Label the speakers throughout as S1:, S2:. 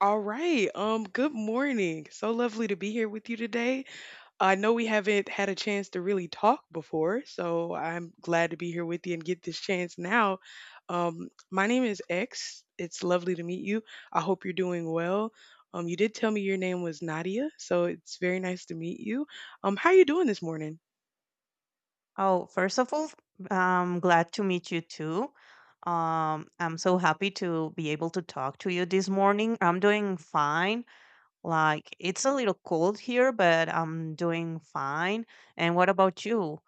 S1: All right. Good morning. So lovely to be here with you today. I know we haven't had a chance to really talk before, so I'm glad to be here with you and get this chance now. My name is X. It's lovely to meet you. I hope you're doing well. You did tell me your name was Nadia, so it's very nice to meet you. How are you doing this morning?
S2: Oh, first of all, I'm glad to meet you too. I'm so happy to be able to talk to you this morning. I'm doing fine. Like, it's a little cold here, but I'm doing fine. And what about you?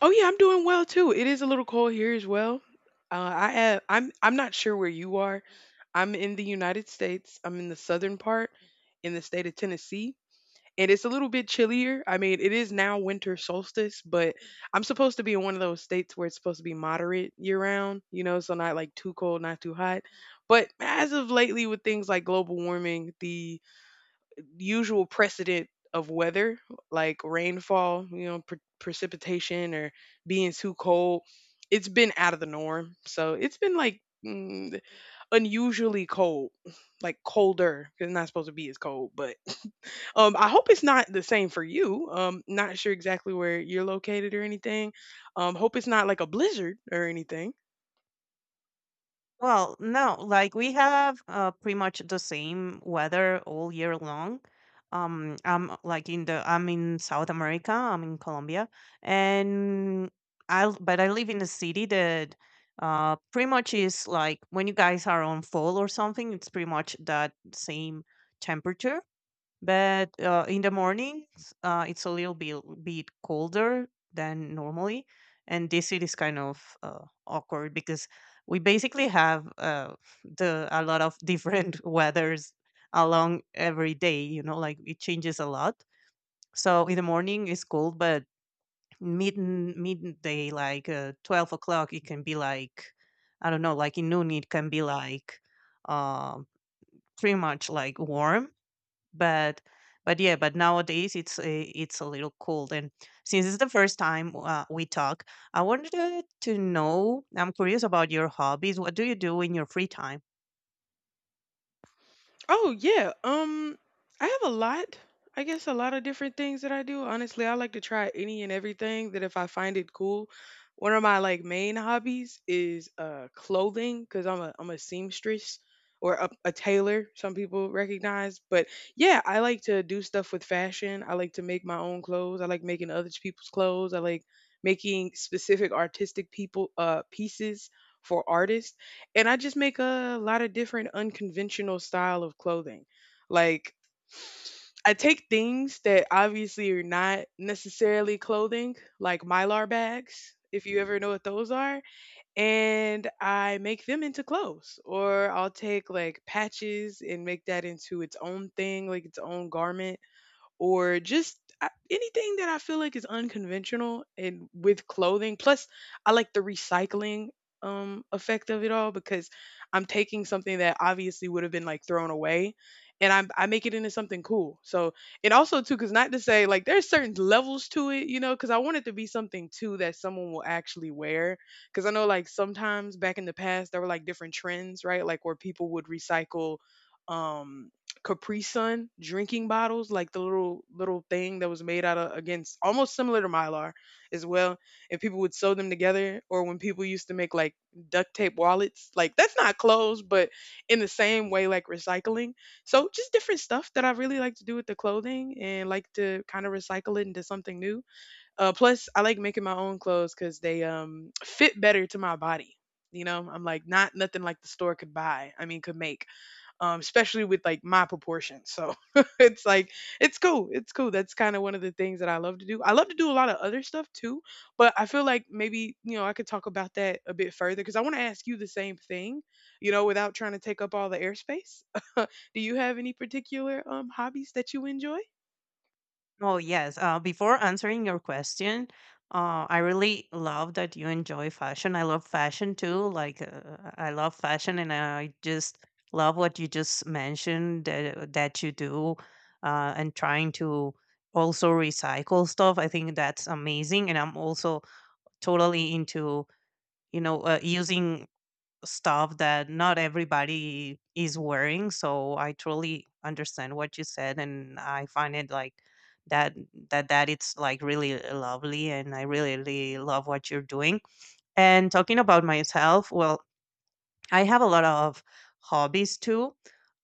S1: Oh yeah, I'm doing well too. It is a little cold here as well. I'm not sure where you are. I'm in the United States. I'm in the southern part, in the state of Tennessee, and it's a little bit chillier. I mean, it is now winter solstice, but I'm supposed to be in one of those states where it's supposed to be moderate year round. You know, so not like too cold, not too hot. But as of lately, with things like global warming, the usual precedent of weather like rainfall, you know, precipitation or being too cold. It's been out of the norm. So it's been like unusually cold, like colder. 'Cause it's not supposed to be as cold, but I hope it's not the same for you. Not sure exactly where you're located or anything. Hope it's not like a blizzard or anything.
S2: Well, no, like we have pretty much the same weather all year long. I'm like in the I'm in South America. I'm in Colombia, and I l- but I live in a city that pretty much is like when you guys are on fall or something, it's pretty much that same temperature. But in the mornings, it's a little bit colder than normally. And this it is kind of awkward because we basically have the a lot of different weathers along every day. You know, like it changes a lot. So in the morning it's cold, but midday, like 12 o'clock, it can be like I don't know, like in noon it can be like uh, pretty much like warm but but yeah but nowadays it's a little cold. And since it's the first time we talk, I wanted to know. I'm curious about your hobbies. What do you do in your free time?
S1: Oh yeah. I have a lot. I guess a lot of different things that I do. Honestly, I like to try any and everything that if I find it cool. One of my like main hobbies is clothing cuz I'm a seamstress or a tailor, some people recognize, but yeah, I like to do stuff with fashion. I like to make my own clothes. I like making other people's clothes. I like making specific artistic people pieces for artists, and I just make a lot of different unconventional style of clothing. Like I take things that obviously are not necessarily clothing, like Mylar bags, if you ever know what those are, and I make them into clothes. Or I'll take like patches and make that into its own thing, like its own garment, or just anything that I feel like is unconventional and with clothing. Plus, I like the recycling effect of it all because I'm taking something that obviously would have been like thrown away, and I make it into something cool. So, and also too cuz not to say like there's certain levels to it, you know, cuz I want it to be something too that someone will actually wear cuz I know like sometimes back in the past there were like different trends, right? Like where people would recycle um Capri Sun drinking bottles, like the little thing that was made out of against almost similar to Mylar as well. And people would sew them together, or when people used to make like duct tape wallets, like that's not clothes, but in the same way, like recycling. So just different stuff that I really like to do with the clothing and like to kind of recycle it into something new. Plus, I like making my own clothes because they fit better to my body. You know, I'm like not nothing like the store could buy. I mean, could make especially with like my proportions. So it's like it's cool. It's cool. That's kind of one of the things that I love to do. I love to do a lot of other stuff too, but I feel like maybe you know I could talk about that a bit further because I want to ask you the same thing, you know, without trying to take up all the airspace. Do you have any particular hobbies that you enjoy?
S2: Oh yes, before answering your question, I really love that you enjoy fashion. I love fashion too. Like I love fashion, and I just love what you just mentioned that you do, and trying to also recycle stuff. I think that's amazing, and I'm also totally into, you know, using stuff that not everybody is wearing. So I truly understand what you said, and I find it like that that it's like really lovely, and I really, really love what you're doing. And talking about myself, well, I have a lot of hobbies too.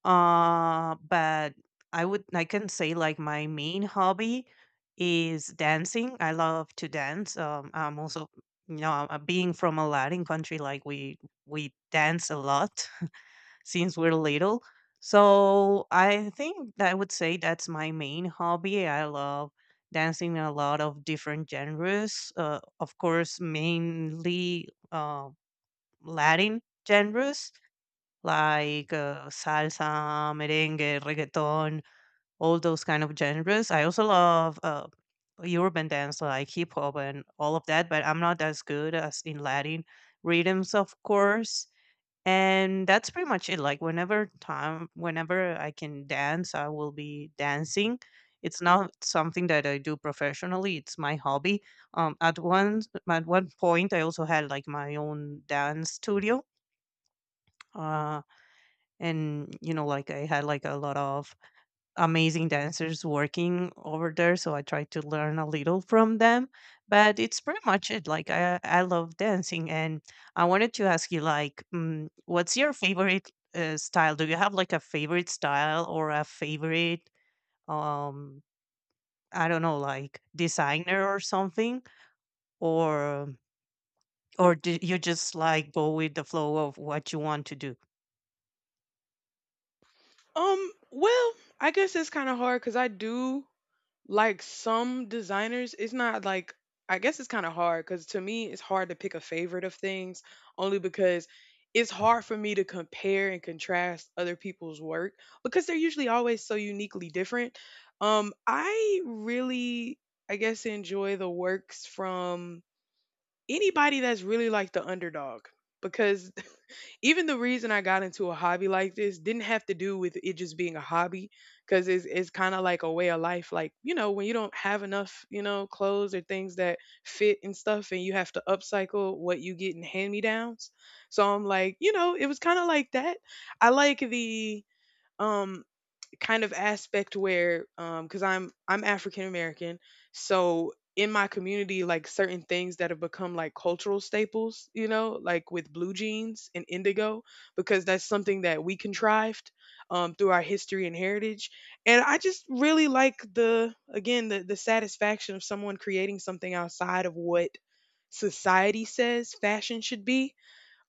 S2: But I can say like my main hobby is dancing. I love to dance. I'm also, you know, being from a Latin country, like we dance a lot since we're little. So I think that I would say that's my main hobby. I love dancing in a lot of different genres. Of course, mainly Latin genres like, salsa, merengue, reggaeton, all those kind of genres. I also love, urban dance like hip hop and all of that, but I'm not as good as in Latin rhythms, of course. And that's pretty much it. Like whenever I can dance, I will be dancing. It's not something that I do professionally. It's my hobby. Um, at one at one point, I also had like my own dance studio. Uh, and you know, like I had like a lot of amazing dancers working over there, so I tried to learn a little from them. But it's pretty much it. Like I love dancing, and I wanted to ask you like, mm, what's your favorite style? Do you have like a favorite style or a favorite, um I don't know, like designer or something, or or do you just like go with the flow of what you want to do?
S1: Well, I guess it's kind of hard because I do like some designers, it's not like, I guess it's kind of hard because to me it's hard to pick a favorite of things, only because it's hard for me to compare and contrast other people's work because they're usually always so uniquely different. I really, I guess, enjoy the works from anybody that's really like the underdog because even the reason I got into a hobby like this didn't have to do with it just being a hobby because it's kind of like a way of life. Like, you know, when you don't have enough, you know, clothes or things that fit and stuff and you have to upcycle what you get in hand me downs. So I'm like, you know, it was kind of like that. I like um, kind of aspect where because I'm African American, so in my community like certain things that have become like cultural staples, you know, like with blue jeans and indigo, because that's something that we contrived through our history and heritage, and I just really like, the again, the satisfaction of someone creating something outside of what society says fashion should be.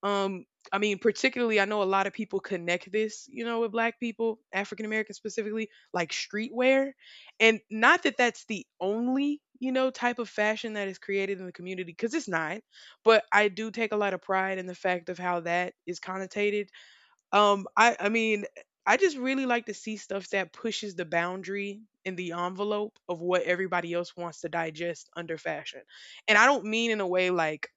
S1: um, I mean, particularly, I know a lot of people connect this, you know, with black people, African Americans specifically, like streetwear. And not that that's the only, you know, type of fashion that is created in the community, because it's not. But I do take a lot of pride in the fact of how that is connotated. I mean, I just really like to see stuff that pushes the boundary and the envelope of what everybody else wants to digest under fashion. And I don't mean in a way like,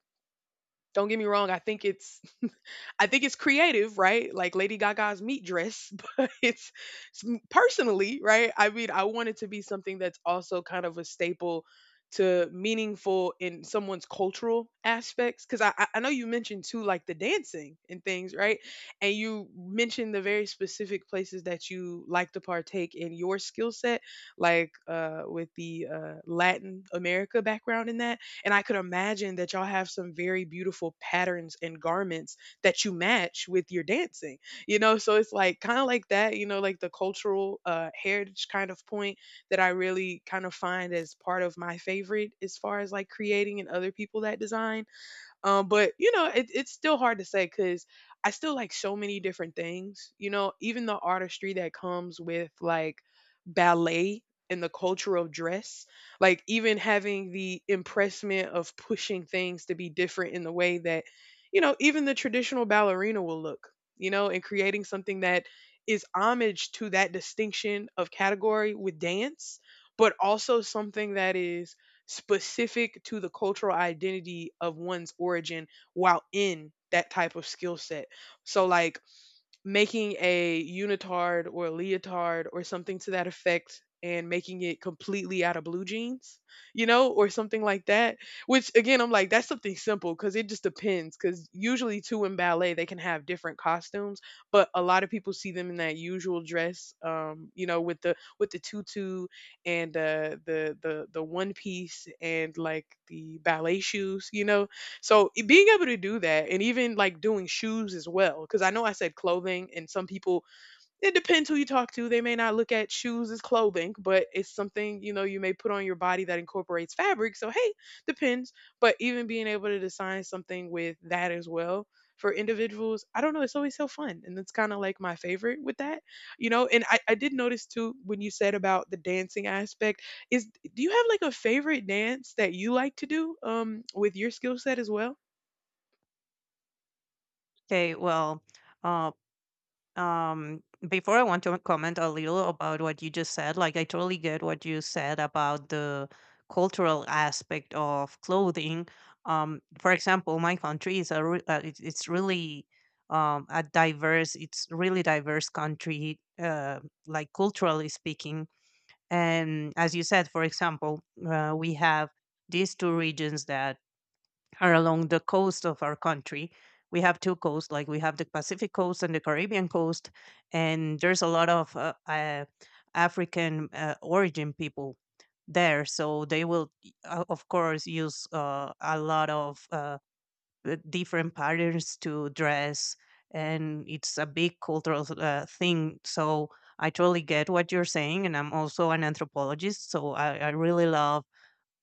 S1: don't get me wrong, I think it's I think it's creative, right? Like Lady Gaga's meat dress, but it's personally, right? I mean, I want it to be something that's also kind of a staple to meaningful in someone's cultural aspects because I know you mentioned too like the dancing and things right, and you mentioned the very specific places that you like to partake in your skill set, like with the Latin America background in that, and I could imagine that y'all have some very beautiful patterns and garments that you match with your dancing, you know? So it's like kind of like that, you know, like the cultural heritage kind of point that I really kind of find as part of my favorite as far as like creating and other people that design. But you know, it's still hard to say because I still like so many different things. You know, even the artistry that comes with like ballet and the culture of dress, like even having the impressment of pushing things to be different in the way that, you know, even the traditional ballerina will look. You know, and creating something that is homage to that distinction of category with dance, but also something that is specific to the cultural identity of one's origin while in that type of skill set. So like making a unitard or a leotard or something to that effect and making it completely out of blue jeans, you know, or something like that. Which again, I'm like, that's something simple because it just depends. Because usually, too, in ballet, they can have different costumes, but a lot of people see them in that usual dress, you know, with the tutu, and the one piece and like the ballet shoes, you know. So being able to do that and even like doing shoes as well, because I know I said clothing and some people, it depends who you talk to. They may not look at shoes as clothing, but it's something, you know, you may put on your body that incorporates fabric. So, hey, depends. But even being able to design something with that as well for individuals, I don't know, it's always so fun. And it's kind of like my favorite with that, you know. And I did notice too when you said about the dancing aspect, is do you have like a favorite dance that you like to do with your skill set as well?
S2: Okay, well, uh. um before I want to comment a little about what you just said. Like I totally get what you said about the cultural aspect of clothing. For example, my country is it's really, a diverse, it's really diverse country, like culturally speaking. And as you said, for example, we have these two regions that are along the coast of our country. We have two coasts, like we have the Pacific coast and the Caribbean coast, and there's a lot of African origin people there. So they will, of course, use a lot of different patterns to dress, and it's a big cultural thing. So I totally get what you're saying, and I'm also an anthropologist, so I really love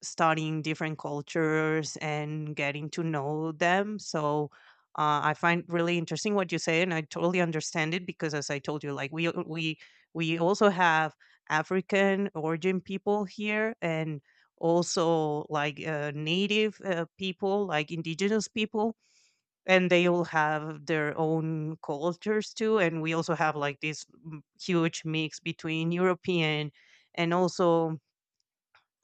S2: studying different cultures and getting to know them. So I find really interesting what you say, and I totally understand it because, as I told you, like we also have African origin people here, and also like native people, like indigenous people, and they all have their own cultures too. And we also have like this, mm, huge mix between European and also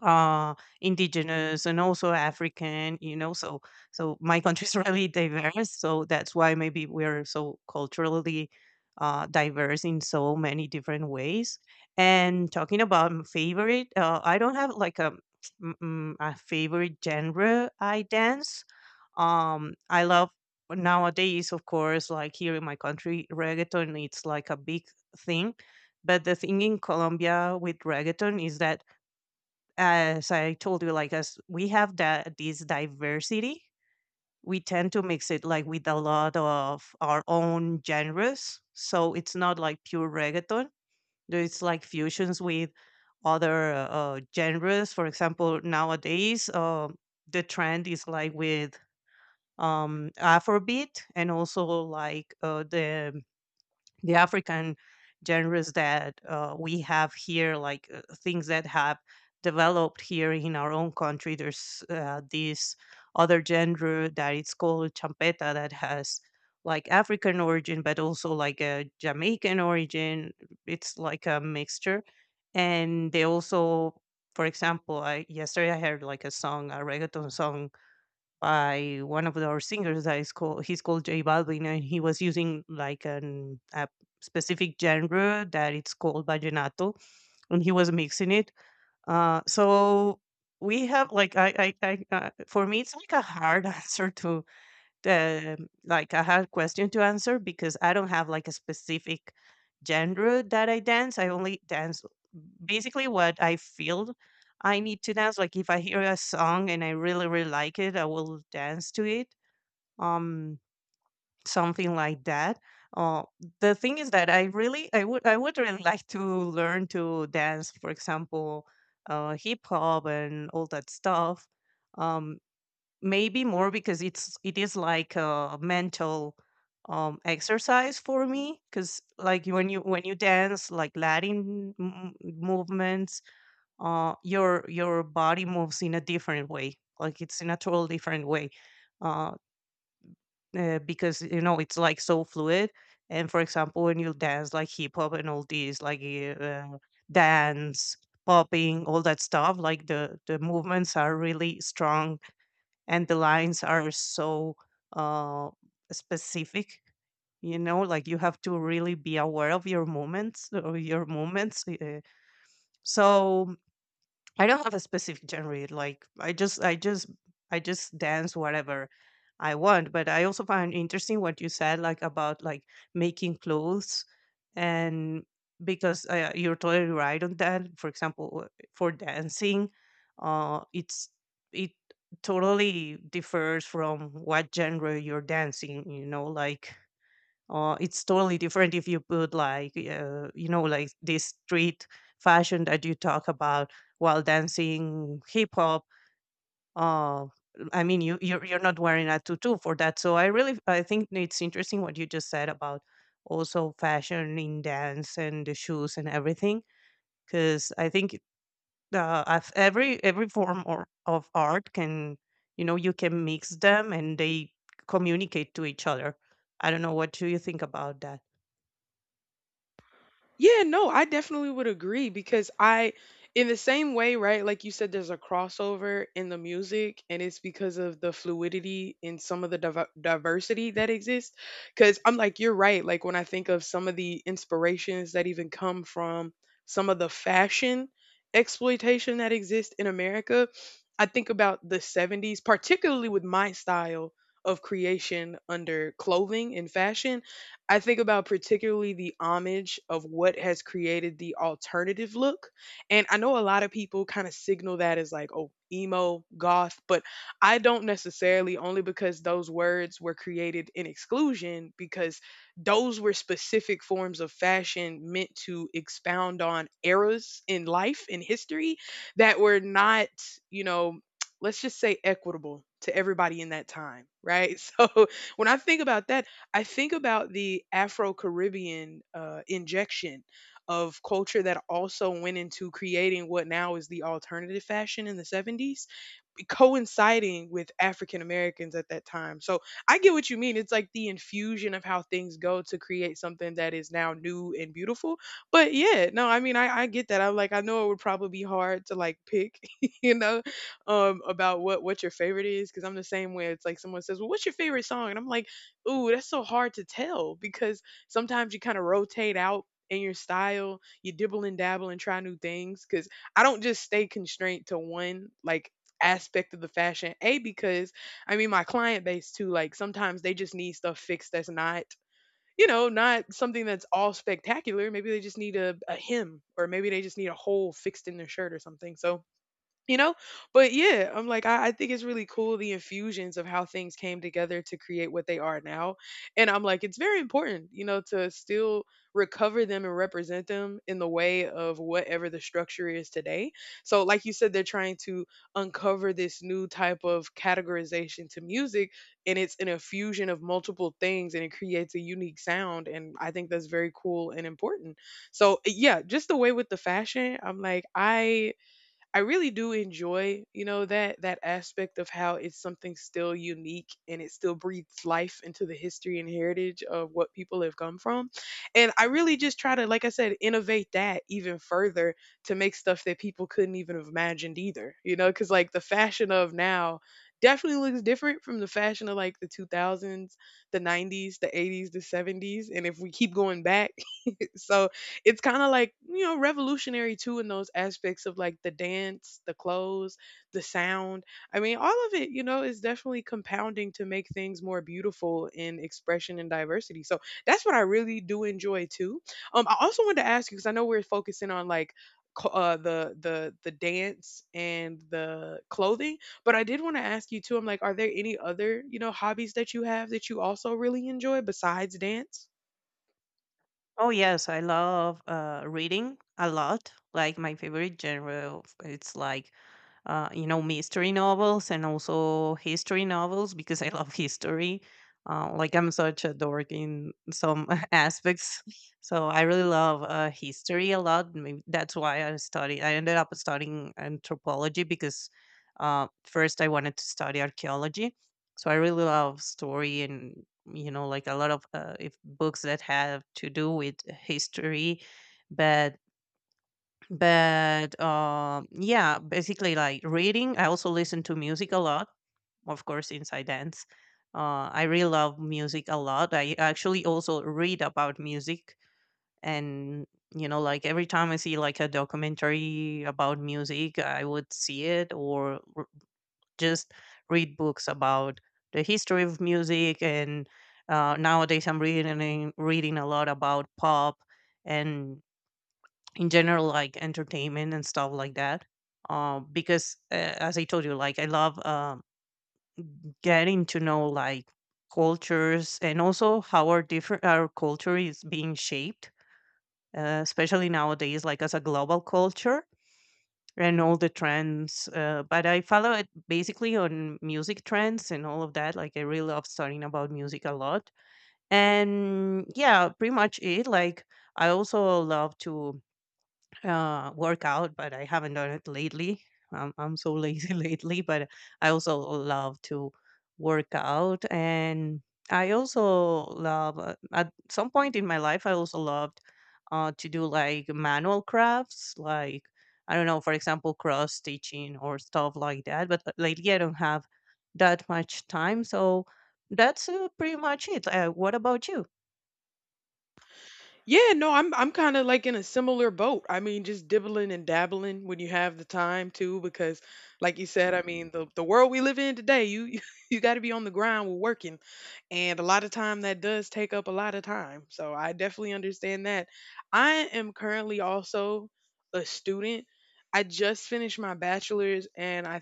S2: uh indigenous and also African, you know. So so my country is really diverse, so that's why maybe we're so culturally diverse in so many different ways. And talking about favorite, I don't have like a, a favorite genre I dance. I love nowadays, of course, like here in my country, reggaeton, it's like a big thing. But the thing in Colombia with reggaeton is that, as I told you, like as we have that this diversity, we tend to mix it like with a lot of our own genres. So it's not like pure reggaeton. There's like fusions with other genres. For example, nowadays, the trend is like with, Afrobeat and also like the African genres that we have here, like things that have developed here in our own country. There's this other genre that it's called champeta that has like African origin, but also like a Jamaican origin. It's like a mixture, and they also. For example, I yesterday I heard like a song, a reggaeton song by one of our singers that is called he's called J Balvin, and he was using like an a specific genre that it's called vallenato, and he was mixing it. So we have like I for me it's like a hard answer to the like a hard question to answer because I don't have like a specific genre that I dance. I only dance basically what I feel I need to dance. Like if I hear a song and I really, really like it, I will dance to it. Um, Something like that. Uh, the thing is that I really, I would really like to learn to dance. For example, hip hop and all that stuff. Um, Maybe more because it is like a mental exercise for me because like when you dance like Latin movements, your body moves in a different way. Like it's in a total different way, uh, because you know it's like so fluid. And for example, when you dance like hip hop and all these like, dance popping, all that stuff, like the movements are really strong, and the lines are so uh specific, you know. Like you have to really be aware of your movements or your movements, so I don't have a specific genre. Like I just dance whatever I want. But I also find interesting what you said, like about like making clothes, and because you're totally right on that. For example, for dancing, it's it totally differs from what genre you're dancing. You know, like it's totally different if you put like you know, like this street fashion that you talk about while dancing hip hop, uh, I mean, you're not wearing a tutu for that. So I really, I think it's interesting what you just said about also fashion in dance and the shoes and everything, because I think as every form of art can, you know, you can mix them and they communicate to each other. I don't know, what do you think about that?
S1: Yeah, no, I definitely would agree because in the same way, right? Like you said, there's a crossover in the music, and it's because of the fluidity in some of the diversity that exists. Because I'm like, you're right. Like when I think of some of the inspirations that even come from some of the fashion exploitation that exists in America, I think about the 70s, particularly with my style of creation under clothing and fashion. I think about particularly the homage of what has created the alternative look. And I know a lot of people kind of signal that as like, oh, emo, goth, but I don't necessarily only because those words were created in exclusion because those were specific forms of fashion meant to expound on eras in life in history that were not, you know, let's just say equitable to everybody in that time, right? So when I think about that I think about the Afro-Caribbean injection of culture that also went into creating what now is the alternative fashion in the 70s coinciding with African Americans at that time. So I get what you mean. It's like the infusion of how things go to create something that is now new and beautiful. But yeah, no, I mean, I get that. I'm like, I know it would probably be hard to like pick, you know, about what your favorite is. Cause I'm the same way. It's like someone says, well, what's your favorite song? And I'm like, ooh, that's so hard to tell because sometimes you kind of rotate out in your style, you dibble and dabble and try new things. Cause I don't just stay constrained to one like aspect of the fashion. A, because I mean, my client base too, like sometimes they just need stuff fixed that's not, you know, not something that's all spectacular. Maybe they just need a hem or maybe they just need a hole fixed in their shirt or something. So you know but yeah I'm like I think it's really cool the infusions of how things came together to create what they are now and I'm like it's very important you know to still recover them and represent them in the way of whatever the structure is today so like you said they're trying to uncover this new type of categorization to music, and it's an infusion of multiple things and it creates a unique sound and I think that's very cool and important. So yeah, just the way with the fashion I'm like I really do enjoy, you know, that aspect of how it's something still unique and it still breathes life into the history and heritage of what people have come from. And I really just try to, like I said, innovate that even further to make stuff that people couldn't even have imagined either. You know, because like the fashion of now definitely looks different from the fashion of like the 2000s, the 90s, the 80s, the 70s, and if we keep going back, so it's kind of like you know revolutionary too in those aspects of like the dance, the clothes, the sound, I mean all of it you know is definitely compounding to make things more beautiful in expression and diversity. So that's what I really do enjoy too. I also wanted to ask you because I know we're focusing on like the dance and the clothing, but I did want to ask you too. I'm like, are there any other, you know, hobbies that you have that you also really enjoy besides dance?
S2: Oh yes, I love reading a lot. Like my favorite genre it's like you know, mystery novels and also history novels, because I love history. Like I'm such a dork in some aspects, so I really love history a lot. Maybe that's why I study. I ended up studying anthropology because first I wanted to study archaeology. So I really love story and, you know, like a lot of if books that have to do with history, but yeah, basically like reading. I also listen to music a lot, of course, inside dance. I really love music a lot. I actually also read about music, and you know, like every time I see like a documentary about music, I would see it just read books about the history of music. And nowadays, I'm reading a lot about pop and in general like entertainment and stuff like that, because as I told you, like I love, getting to know like cultures and also how our culture is being shaped, especially nowadays like as a global culture and all the trends. But I follow it basically on music trends and all of that. Like I really love studying about music a lot. And yeah, pretty much it. Like I also love to workout, but I haven't done it lately. I'm so lazy lately, but I also love to work out. And I also love, at some point in my life, I also loved to do like manual crafts, like, I don't know, for example, cross stitching or stuff like that. But lately, I don't have that much time. So that's pretty much it. What about you?
S1: Yeah, no, I'm kind of like in a similar boat. I mean, just dibbling and dabbling when you have the time too, because like you said, I mean, the world we live in today, you you got to be on the grind with working, and a lot of time that does take up a lot of time. So I definitely understand that. I am currently also a student. I just finished my bachelor's, and I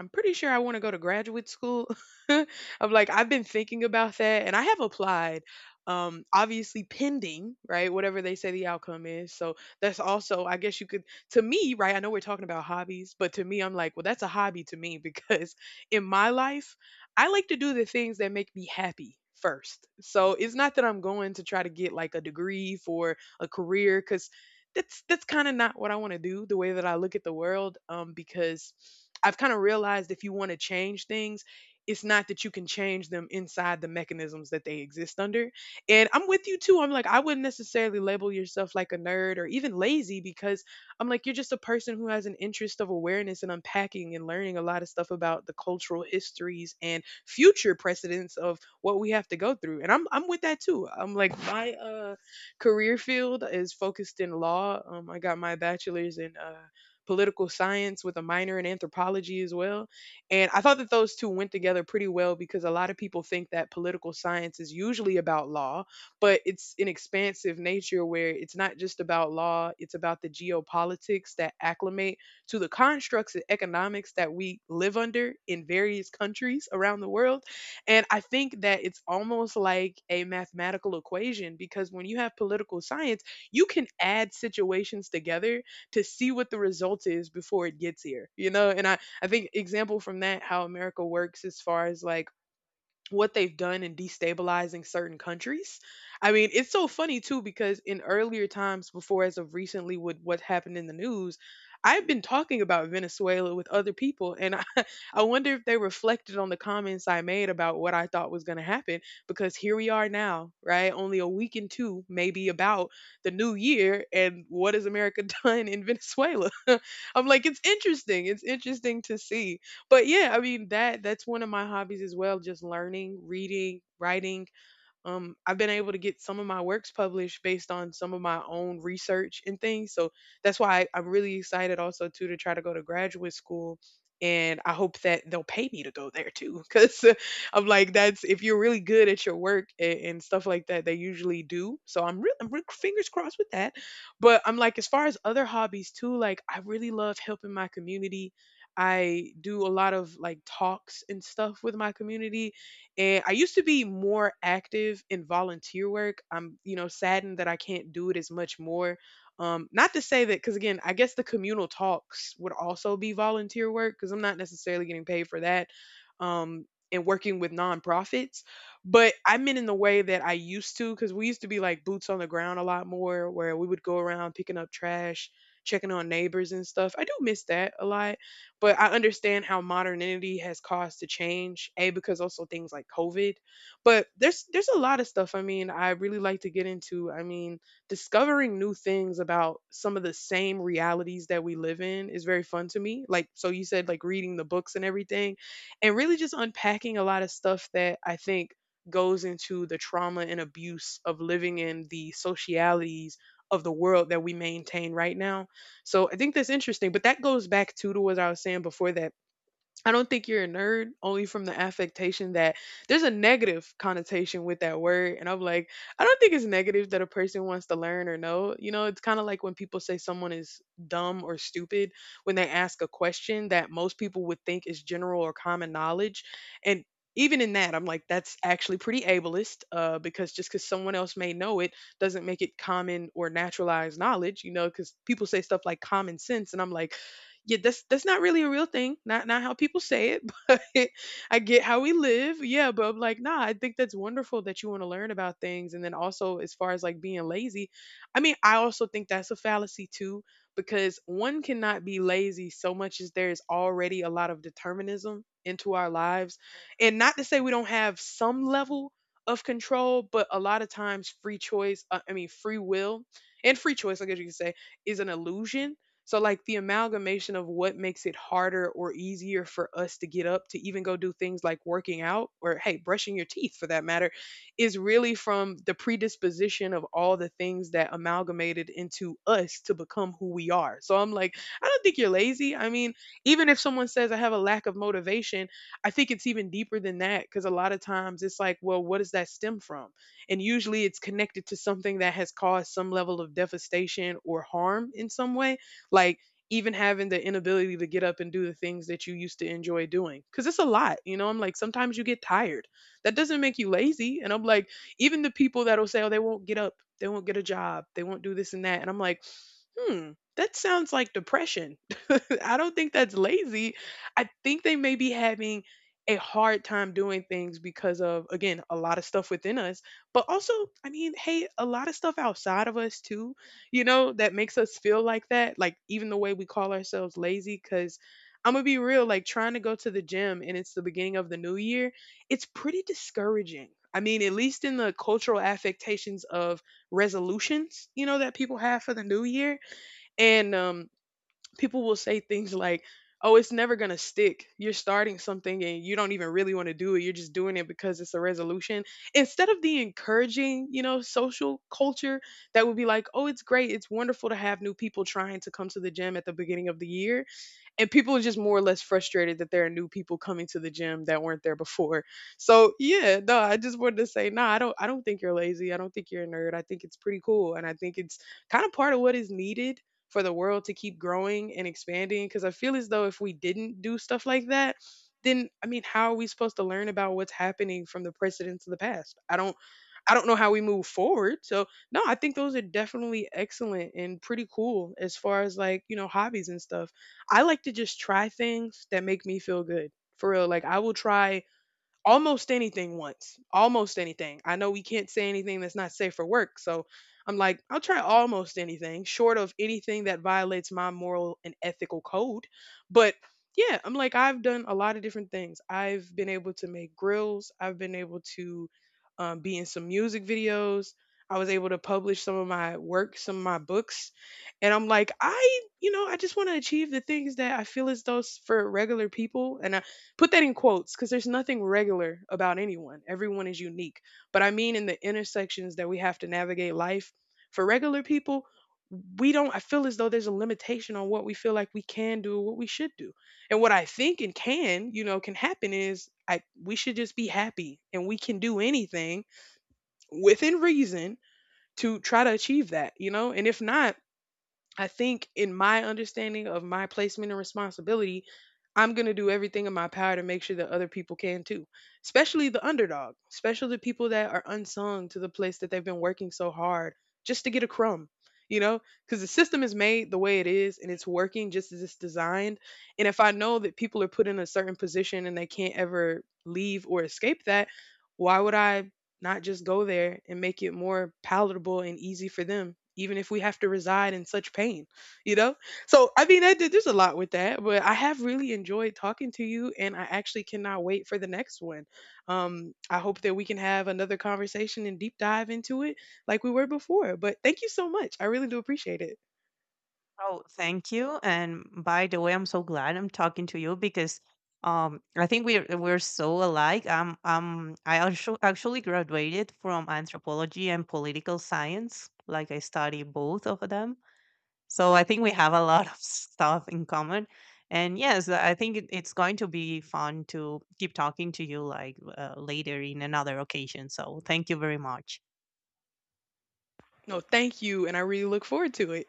S1: I'm pretty sure I want to go to graduate school. I'm like I've been thinking about that, and I have applied, obviously pending, right? Whatever they say the outcome is. So that's also, I guess you could, to me, right? I know we're talking about hobbies, but to me, I'm like, well, that's a hobby to me because in my life, I like to do the things that make me happy first. So it's not that I'm going to try to get like a degree for a career because that's kind of not what I want to do. The way that I look at the world, because I've kind of realized if you want to change things, it's not that you can change them inside the mechanisms that they exist under. And I'm with you too. I'm like, I wouldn't necessarily label yourself like a nerd or even lazy because I'm like, you're just a person who has an interest of awareness and unpacking and learning a lot of stuff about the cultural histories and future precedents of what we have to go through. And I'm with that too. I'm like, my career field is focused in law. I got my bachelor's in political science with a minor in anthropology as well, and I thought that those two went together pretty well because a lot of people think that political science is usually about law, but it's an expansive nature where it's not just about law, it's about the geopolitics that acclimate to the constructs of economics that we live under in various countries around the world. And I think that it's almost like a mathematical equation because when you have political science, you can add situations together to see what the result is before it gets here, you know? And I think example from that how America works as far as like what they've done in destabilizing certain countries. I mean, it's so funny too because in earlier times before as of recently with what happened in the news, I've been talking about Venezuela with other people and I, I wonder if they reflected on the comments I made about what I thought was going to happen because here we are now, right? Only a week and two maybe about the new year and what has America done in Venezuela? I'm like, it's interesting. It's interesting to see. But yeah, I mean that's one of my hobbies as well, just learning, reading, writing. I've been able to get some of my works published based on some of my own research and things. So that's why I'm really excited also too to try to go to graduate school. And I hope that they'll pay me to go there too, because I'm like, that's if you're really good at your work and, stuff like that, they usually do. So I'm real, I'm re- fingers crossed with that. But I'm like, as far as other hobbies too, like I really love helping my community. I do a lot of like talks and stuff with my community, and I used to be more active in volunteer work. I'm, you know, saddened that I can't do it as much more. Not to say that, because again, I guess the communal talks would also be volunteer work because I'm not necessarily getting paid for that. Um, and working with nonprofits, but I meant in the way that I used to, because we used to be like boots on the ground a lot more, where we would go around picking up trash, checking on neighbors and stuff. I do miss that a lot, but I understand how modernity has caused to change, A, because also things like COVID. But there's a lot of stuff I mean I really like to get into. I mean, discovering new things about some of the same realities that we live in is very fun to me. Like so you said like reading the books and everything and really just unpacking a lot of stuff that I think goes into the trauma and abuse of living in the socialities of the world that we maintain right now, so I think that's interesting, but that goes back to what I was saying before that I don't think you're a nerd only from the affectation that there's a negative connotation with that word. And I'm like, I don't think it's negative that a person wants to learn or know. You know, it's kind of like when people say someone is dumb or stupid when they ask a question that most people would think is general or common knowledge. And even in that, I'm like, that's actually pretty ableist, because just because someone else may know it doesn't make it common or naturalized knowledge, you know, because people say stuff like common sense. And I'm like, yeah, that's not really a real thing. Not how people say it, but I get how we live. Yeah, but I'm like, nah, I think that's wonderful that you want to learn about things. And then also as far as like being lazy, I mean, I also think that's a fallacy too, because one cannot be lazy so much as there's already a lot of determinism into our lives. And not to say we don't have some level of control, but a lot of times free choice, I mean free will and free choice, I guess you could say, is an illusion. So, like, the amalgamation of what makes it harder or easier for us to get up to even go do things like working out or, hey, brushing your teeth for that matter, is really from the predisposition of all the things that amalgamated into us to become who we are. So, I'm like, I don't think you're lazy. I mean, even if someone says I have a lack of motivation, I think it's even deeper than that, because a lot of times it's like, well, what does that stem from? And usually it's connected to something that has caused some level of devastation or harm in some way. Like, even having the inability to get up and do the things that you used to enjoy doing because it's a lot, you know, I'm like, sometimes you get tired. That doesn't make you lazy. And I'm like, even the people that'll say, oh, they won't get up, they won't get a job, they won't do this and that, and I'm like, hmm, that sounds like depression. I don't think that's lazy. I think they may be having a hard time doing things because of, again, a lot of stuff within us, but also, I mean, hey, a lot of stuff outside of us too, you know, that makes us feel like that. Like, even the way we call ourselves lazy, because I'm going to be real, like, trying to go to the gym and it's the beginning of the new year, it's pretty discouraging. I mean, at least in the cultural affectations of resolutions, you know, that people have for the new year. And people will say things like, oh, it's never going to stick, you're starting something and you don't even really want to do it, you're just doing it because it's a resolution, instead of the encouraging, you know, social culture that would be like, oh, it's great, it's wonderful to have new people trying to come to the gym at the beginning of the year. And people are just more or less frustrated that there are new people coming to the gym that weren't there before. So yeah, no, I just wanted to say, no, I don't think you're lazy. I don't think you're a nerd. I think it's pretty cool, and I think it's kind of part of what is needed for the world to keep growing and expanding. Because I feel as though if we didn't do stuff like that, then, I mean, how are we supposed to learn about what's happening from the precedents of the past? I don't know how we move forward. So no, I think those are definitely excellent and pretty cool as far as, like, you know, hobbies and stuff. I like to just try things that make me feel good. For real. Like, I will try almost anything once. Almost anything. I know we can't say anything that's not safe for work. So I'm like, I'll try almost anything, short of anything that violates my moral and ethical code. But yeah, I'm like, I've done a lot of different things. I've been able to make grills, I've been able to be in some music videos. I was able to publish some of my work, some of my books. And I'm like, I, you know, I just want to achieve the things that I feel as though, for regular people. And put that in quotes because there's nothing regular about anyone. Everyone is unique. But I mean, in the intersections that we have to navigate life, for regular people, we don't, I feel as though there's a limitation on what we feel like we can do, what we should do. And what I think and can, you know, can happen is, I, we should just be happy and we can do anything within reason to try to achieve that, you know? And if not, I think in my understanding of my placement and responsibility, I'm going to do everything in my power to make sure that other people can too, especially the underdog, especially the people that are unsung to the place that they've been working so hard just to get a crumb, you know, because the system is made the way it is and it's working just as it's designed. And if I know that people are put in a certain position and they can't ever leave or escape that, why would I not just go there and make it more palatable and easy for them, even if we have to reside in such pain, you know? So I mean, I did, there's a lot with that, but I have really enjoyed talking to you and I actually cannot wait for the next one. Um, I hope that we can have another conversation and deep dive into it like we were before, but thank you so much, I really do appreciate it.
S2: Oh, thank you. And by the way, I'm so glad I'm talking to you because I think we're so alike. I also actually graduated from anthropology and political science. Like I study both of them. So I think we have a lot of stuff in common. And yes, I think it's going to be fun to keep talking to you like later in another occasion. So thank you very much.
S1: No, thank you, and I really look forward to it.